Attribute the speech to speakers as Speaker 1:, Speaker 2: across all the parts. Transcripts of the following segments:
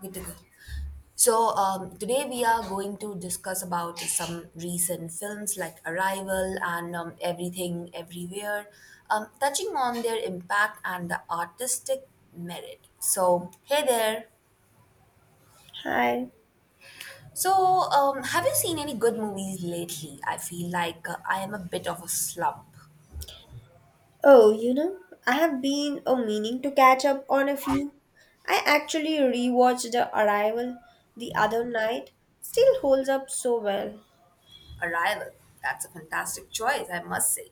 Speaker 1: Good to go. Today we are going to discuss about some recent films like Arrival and Everything Everywhere, touching on their impact and the artistic merit. So hey there.
Speaker 2: Hi.
Speaker 1: So have you seen any good movies lately? I feel like I am a bit of a slump.
Speaker 2: Oh, you know, I have been meaning to catch up on a few. I actually rewatched The Arrival the other night. Still holds up so well.
Speaker 1: Arrival. That's a fantastic choice, I must say.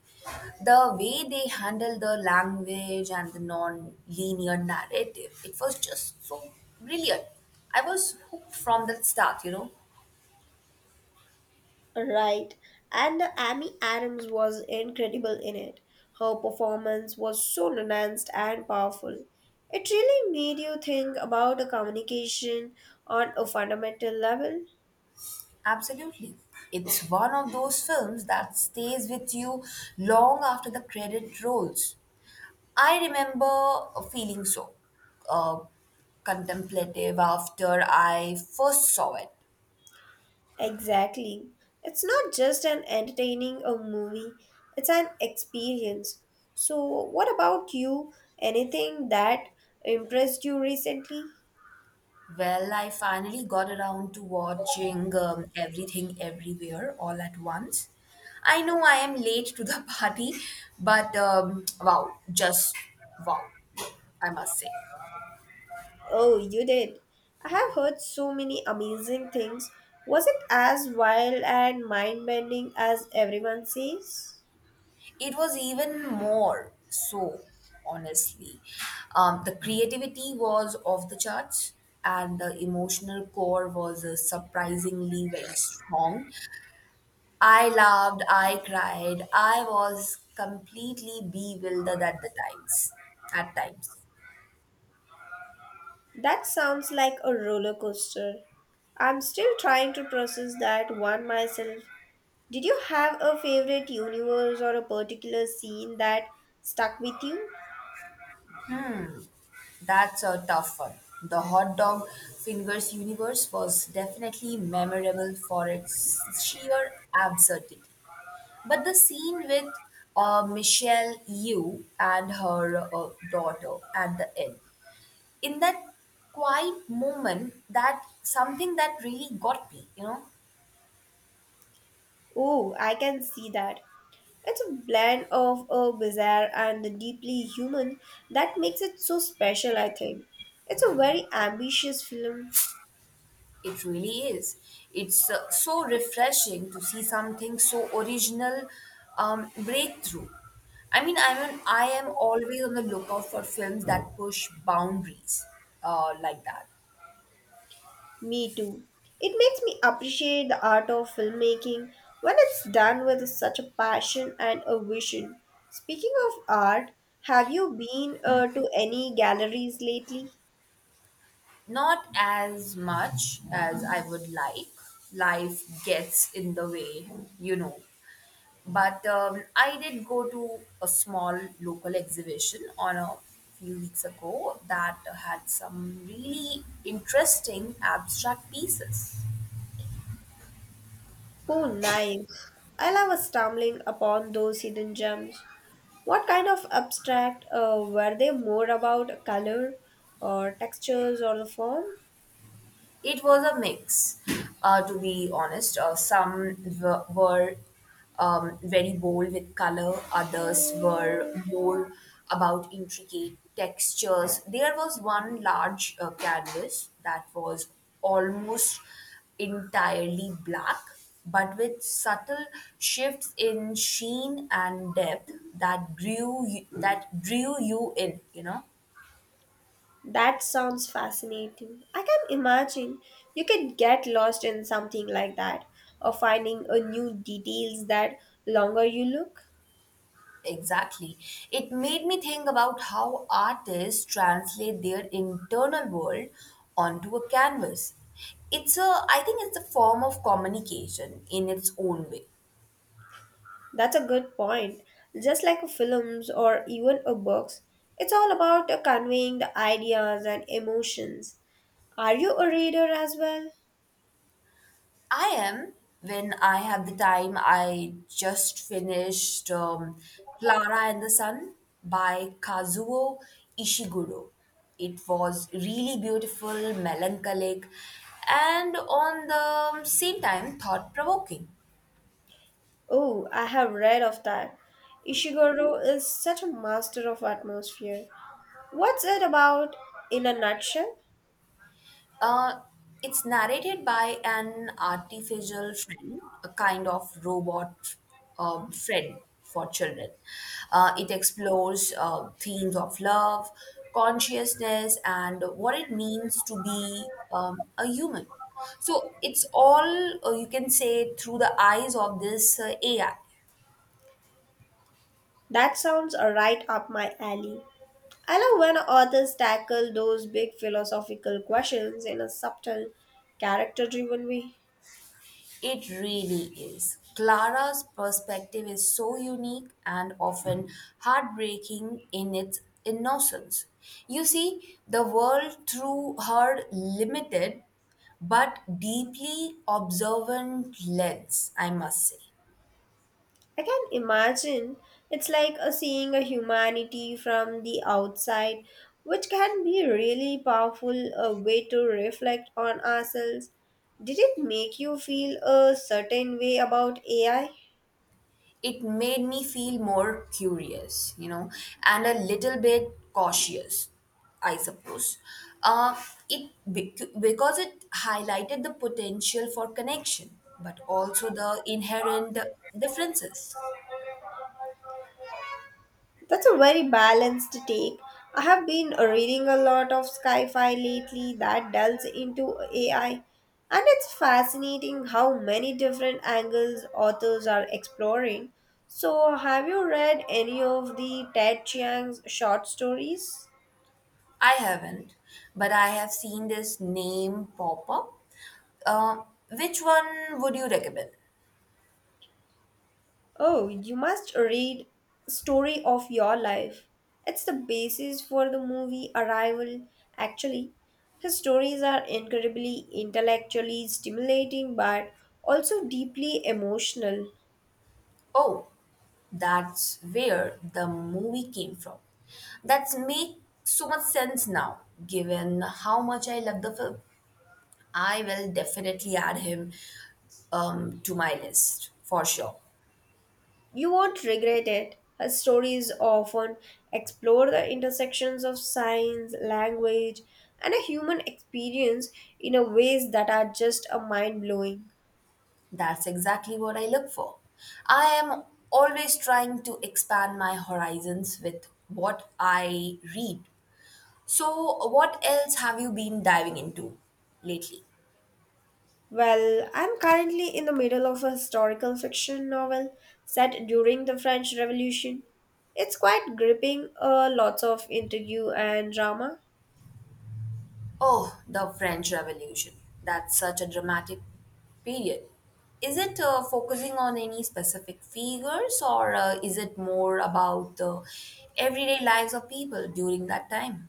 Speaker 1: The way they handled the language and the non linear narrative, it was just so brilliant. I was hooked from the start, you know.
Speaker 2: Right. And Amy Adams was incredible in it. Her performance was so nuanced and powerful. It really made you think about a communication on a fundamental level.
Speaker 1: Absolutely. It's one of those films that stays with you long after the credit rolls. I remember feeling so uh, contemplative after I first saw it.
Speaker 2: Exactly. It's not just an entertaining a movie, it's an experience. So, what about you? Anything that impressed you recently?
Speaker 1: Well, I finally got around to watching everything everywhere all at once. I know I am late to the party, but wow, just wow, I must say.
Speaker 2: Oh, you did. I have heard so many amazing things. Was it as wild and mind bending as everyone says?
Speaker 1: It was even more so, honestly. The creativity was off the charts, and the emotional core was surprisingly very strong. I laughed, I cried, I was completely bewildered at the times. At times.
Speaker 2: That sounds like a roller coaster. I'm still trying to process that one myself. Did you have a favorite universe or a particular scene that stuck with you?
Speaker 1: That's a tough one. The hot dog fingers universe was definitely memorable for its sheer absurdity. But the scene with Michelle Yu and her daughter at the end, in that quiet moment, that something that really got me, you know.
Speaker 2: Oh, I can see that. It's a blend of a bizarre and the deeply human that makes it so special, I think. It's a very ambitious film.
Speaker 1: It really is. It's so refreshing to see something so original breakthrough. I mean, I am always on the lookout for films that push boundaries like that.
Speaker 2: Me too. It makes me appreciate the art of filmmaking when it's done with such a passion and a vision. Speaking of art, have you been to any galleries lately?
Speaker 1: Not as much as I would like. Life gets in the way, you know. But I did go to a small local exhibition on a few weeks ago that had some really interesting abstract pieces.
Speaker 2: Oh, nice. I love stumbling upon those hidden gems. What kind of abstract were they more about color or textures or the form?
Speaker 1: It was a mix, to be honest. Some were very bold with color, others were more about intricate textures. There was one large canvas that was almost entirely black, but with subtle shifts in sheen and depth that that drew you in, you know.
Speaker 2: That sounds fascinating. I can imagine you could get lost in something like that or finding a new details that longer you look.
Speaker 1: Exactly. It made me think about how artists translate their internal world onto a canvas. It's a I think it's a form of communication in its own way.
Speaker 2: That's a good point. Just like films or even a books, it's all about conveying the ideas and emotions. Are you a reader as well?
Speaker 1: I am when I have the time I just finished Clara and the Sun by Kazuo Ishiguro. It was really beautiful, melancholic and on the same time thought provoking.
Speaker 2: Oh, I have read of that. Ishiguro is such a master of atmosphere. What's it about in a nutshell?
Speaker 1: Uh, it's narrated by an artificial friend, a kind of robot friend for children. It explores themes of love, consciousness, and what it means to be a human. So it's all you can say through the eyes of this AI.
Speaker 2: That sounds right up my alley. I love when authors tackle those big philosophical questions in a subtle, character driven way.
Speaker 1: It really is. Clara's perspective is so unique and often heartbreaking in its innocence. You see the world through her limited but deeply observant lens, I must say.
Speaker 2: I can imagine it's like a seeing a humanity from the outside, which can be really powerful a way to reflect on ourselves. Did it make you feel a certain way about AI?
Speaker 1: It made me feel more curious, you know, and a little bit cautious, I suppose. Uh, because it highlighted the potential for connection, but also the inherent differences.
Speaker 2: That's a very balanced take. I have been reading a lot of sci-fi lately that delves into AI, and it's fascinating how many different angles authors are exploring. So, have you read any of the Ted Chiang's short stories?
Speaker 1: I haven't, but I have seen this name pop up. Uh, which one would you recommend?
Speaker 2: Oh, you must read Story of Your Life. It's the basis for the movie Arrival. Actually, his stories are incredibly intellectually stimulating but also deeply emotional.
Speaker 1: Oh, that's where the movie came from. That's make so much sense now, given how much I love the film. I will definitely add him to my list for sure.
Speaker 2: You won't regret it. His stories often explore the intersections of science, language, and a human experience in a ways that are just a mind blowing.
Speaker 1: That's exactly what I look for. I am always trying to expand my horizons with what I read. So, what else have you been diving into lately?
Speaker 2: Well, I'm currently in the middle of a historical fiction novel set during the French Revolution. It's quite gripping, lots of intrigue and drama.
Speaker 1: Oh, the French Revolution. That's such a dramatic period. Is it focusing on any specific figures or is it more about the everyday lives of people during that time?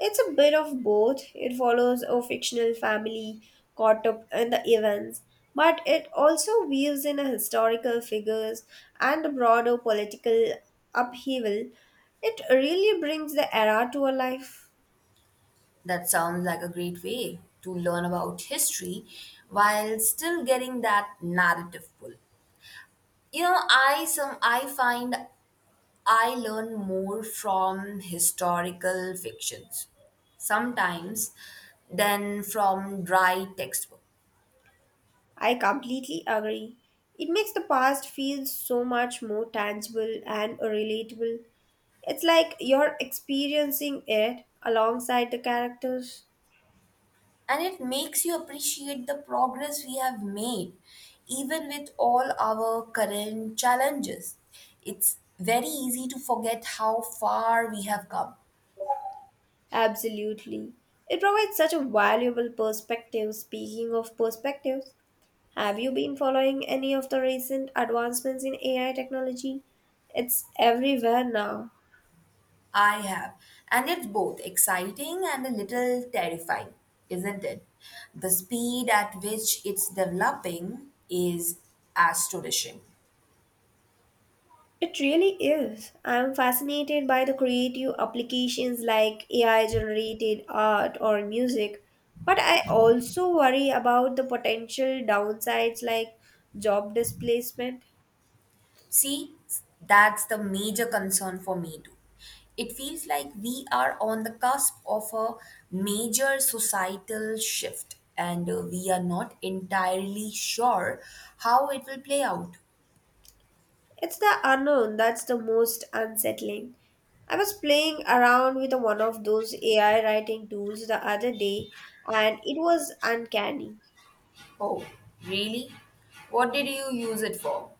Speaker 2: It's a bit of both. It follows a fictional family caught up in the events, but it also weaves in a historical figures and the broader political upheaval. It really brings the era to a life.
Speaker 1: That sounds like a great way to learn about history while still getting that narrative pull. You know, I find I learn more from historical fictions sometimes than from dry textbook.
Speaker 2: I completely agree. It makes the past feel so much more tangible and relatable. It's like you're experiencing it alongside the characters.
Speaker 1: And it makes you appreciate the progress we have made, even with all our current challenges. It's very easy to forget how far we have come.
Speaker 2: Absolutely. It provides such a valuable perspective. Speaking of perspectives, have you been following any of the recent advancements in AI technology? It's everywhere now.
Speaker 1: I have. And it's both exciting and a little terrifying, isn't it? The speed at which it's developing is astonishing.
Speaker 2: It really is. I'm fascinated by the creative applications like AI generated art or music, but I also worry about the potential downsides like job displacement.
Speaker 1: See, that's the major concern for me too. It feels like we are on the cusp of a major societal shift, and we are not entirely sure how it will play out.
Speaker 2: It's the unknown that's the most unsettling. I was playing around with one of those AI writing tools the other day and it was uncanny.
Speaker 1: Oh, really? What did you use it for?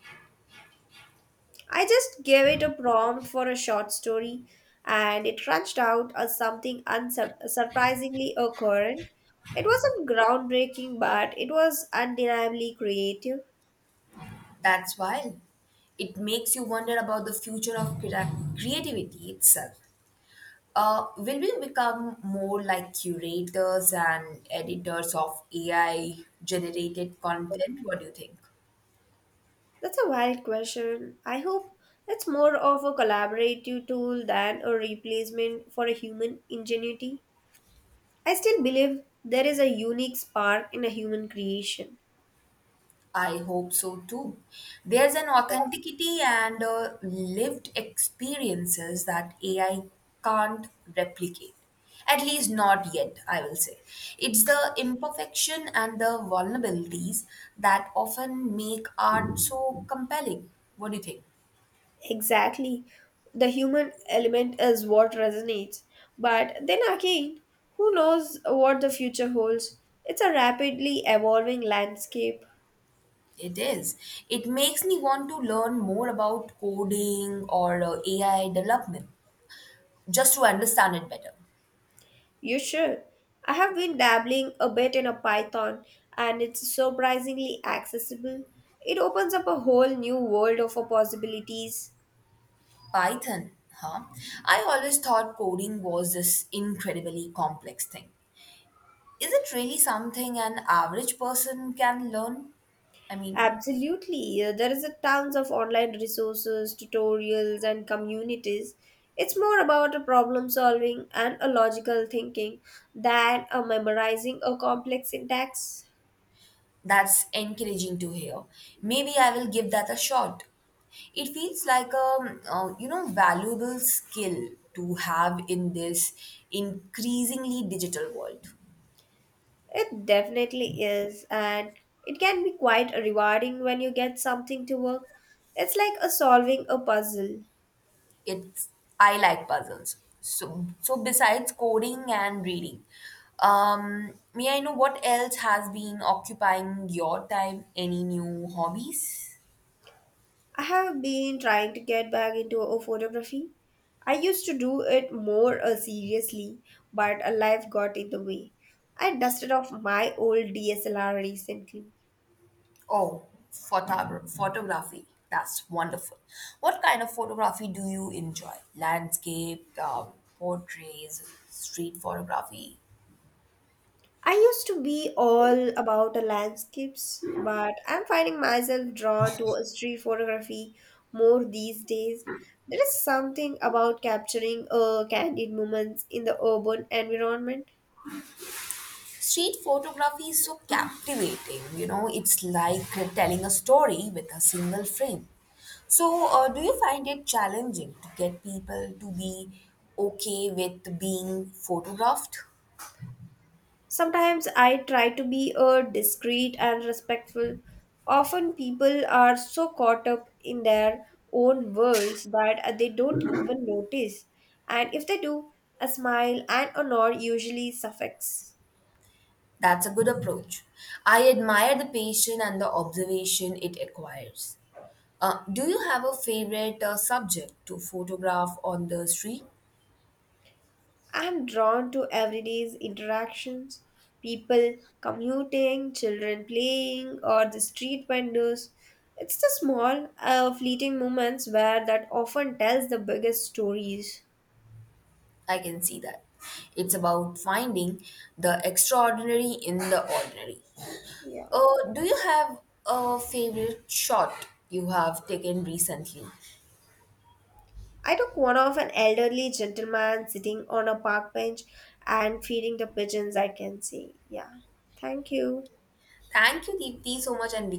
Speaker 2: I just gave it a prompt for a short story, and it crunched out as something surprisingly occurrent. It wasn't groundbreaking, but it was undeniably creative.
Speaker 1: That's wild. It makes you wonder about the future of creativity itself. Will we become more like curators and editors of AI generated content? What do you think?
Speaker 2: That's a wild question. I hope it's more of a collaborative tool than a replacement for a human ingenuity. I still believe there is a unique spark in a human creation.
Speaker 1: I hope so too. There's an authenticity and lived experiences that AI can't replicate. At least not yet, I will say. It's the imperfection and the vulnerabilities that often make art so compelling. What do you think?
Speaker 2: Exactly. The human element is what resonates. But then again, who knows what the future holds? It's a rapidly evolving landscape.
Speaker 1: It is. It makes me want to learn more about coding or AI development just to understand it better.
Speaker 2: You should. I have been dabbling a bit in a Python and it's surprisingly accessible. It opens up a whole new world of possibilities.
Speaker 1: Python, huh? I always thought coding was this incredibly complex thing. Is it really something an average person can learn? I mean,
Speaker 2: Absolutely. There is a tons of online resources, tutorials and communities. It's more about a problem solving and a logical thinking than a memorizing a complex syntax.
Speaker 1: that's encouraging to hear. Maybe I will give that a shot. It feels like a you know valuable skill to have in this increasingly digital world.
Speaker 2: It definitely is and it can be quite rewarding when you get something to work. It's like a solving a puzzle.
Speaker 1: It's I like puzzles. So besides coding and reading, may I know what else has been occupying your time? Any new hobbies?
Speaker 2: I have been trying to get back into a photography. I used to do it more seriously, but life got in the way. I dusted off my old DSLR recently.
Speaker 1: Oh, photography. That's wonderful. What kind of photography do you enjoy? Landscape, portraits, street photography.
Speaker 2: I used to be all about the landscapes, but I'm finding myself drawn to a street photography more these days. There is something about capturing candid moments in the urban environment.
Speaker 1: Street photography is so captivating, you know, it's like telling a story with a single frame. So, do you find it challenging to get people to be okay with being photographed?
Speaker 2: Sometimes I try to be discreet and respectful. Often people are so caught up in their own worlds that they don't even notice. And if they do, a smile and a nod usually suffice.
Speaker 1: That's a good approach. I admire the patience and the observation it requires. Do you have a favorite subject to photograph on the street?
Speaker 2: I am drawn to everyday's interactions people commuting, children playing, or the street vendors. It's the small, fleeting moments where that often tells the biggest stories.
Speaker 1: I can see that. It's about finding the extraordinary in the ordinary.
Speaker 2: Yeah.
Speaker 1: Do you have a favorite shot you have taken recently?
Speaker 2: I took one of an elderly gentleman sitting on a park bench and feeding the pigeons, I can see. Yeah. Thank you.
Speaker 1: Thank you, Deepti, so much, and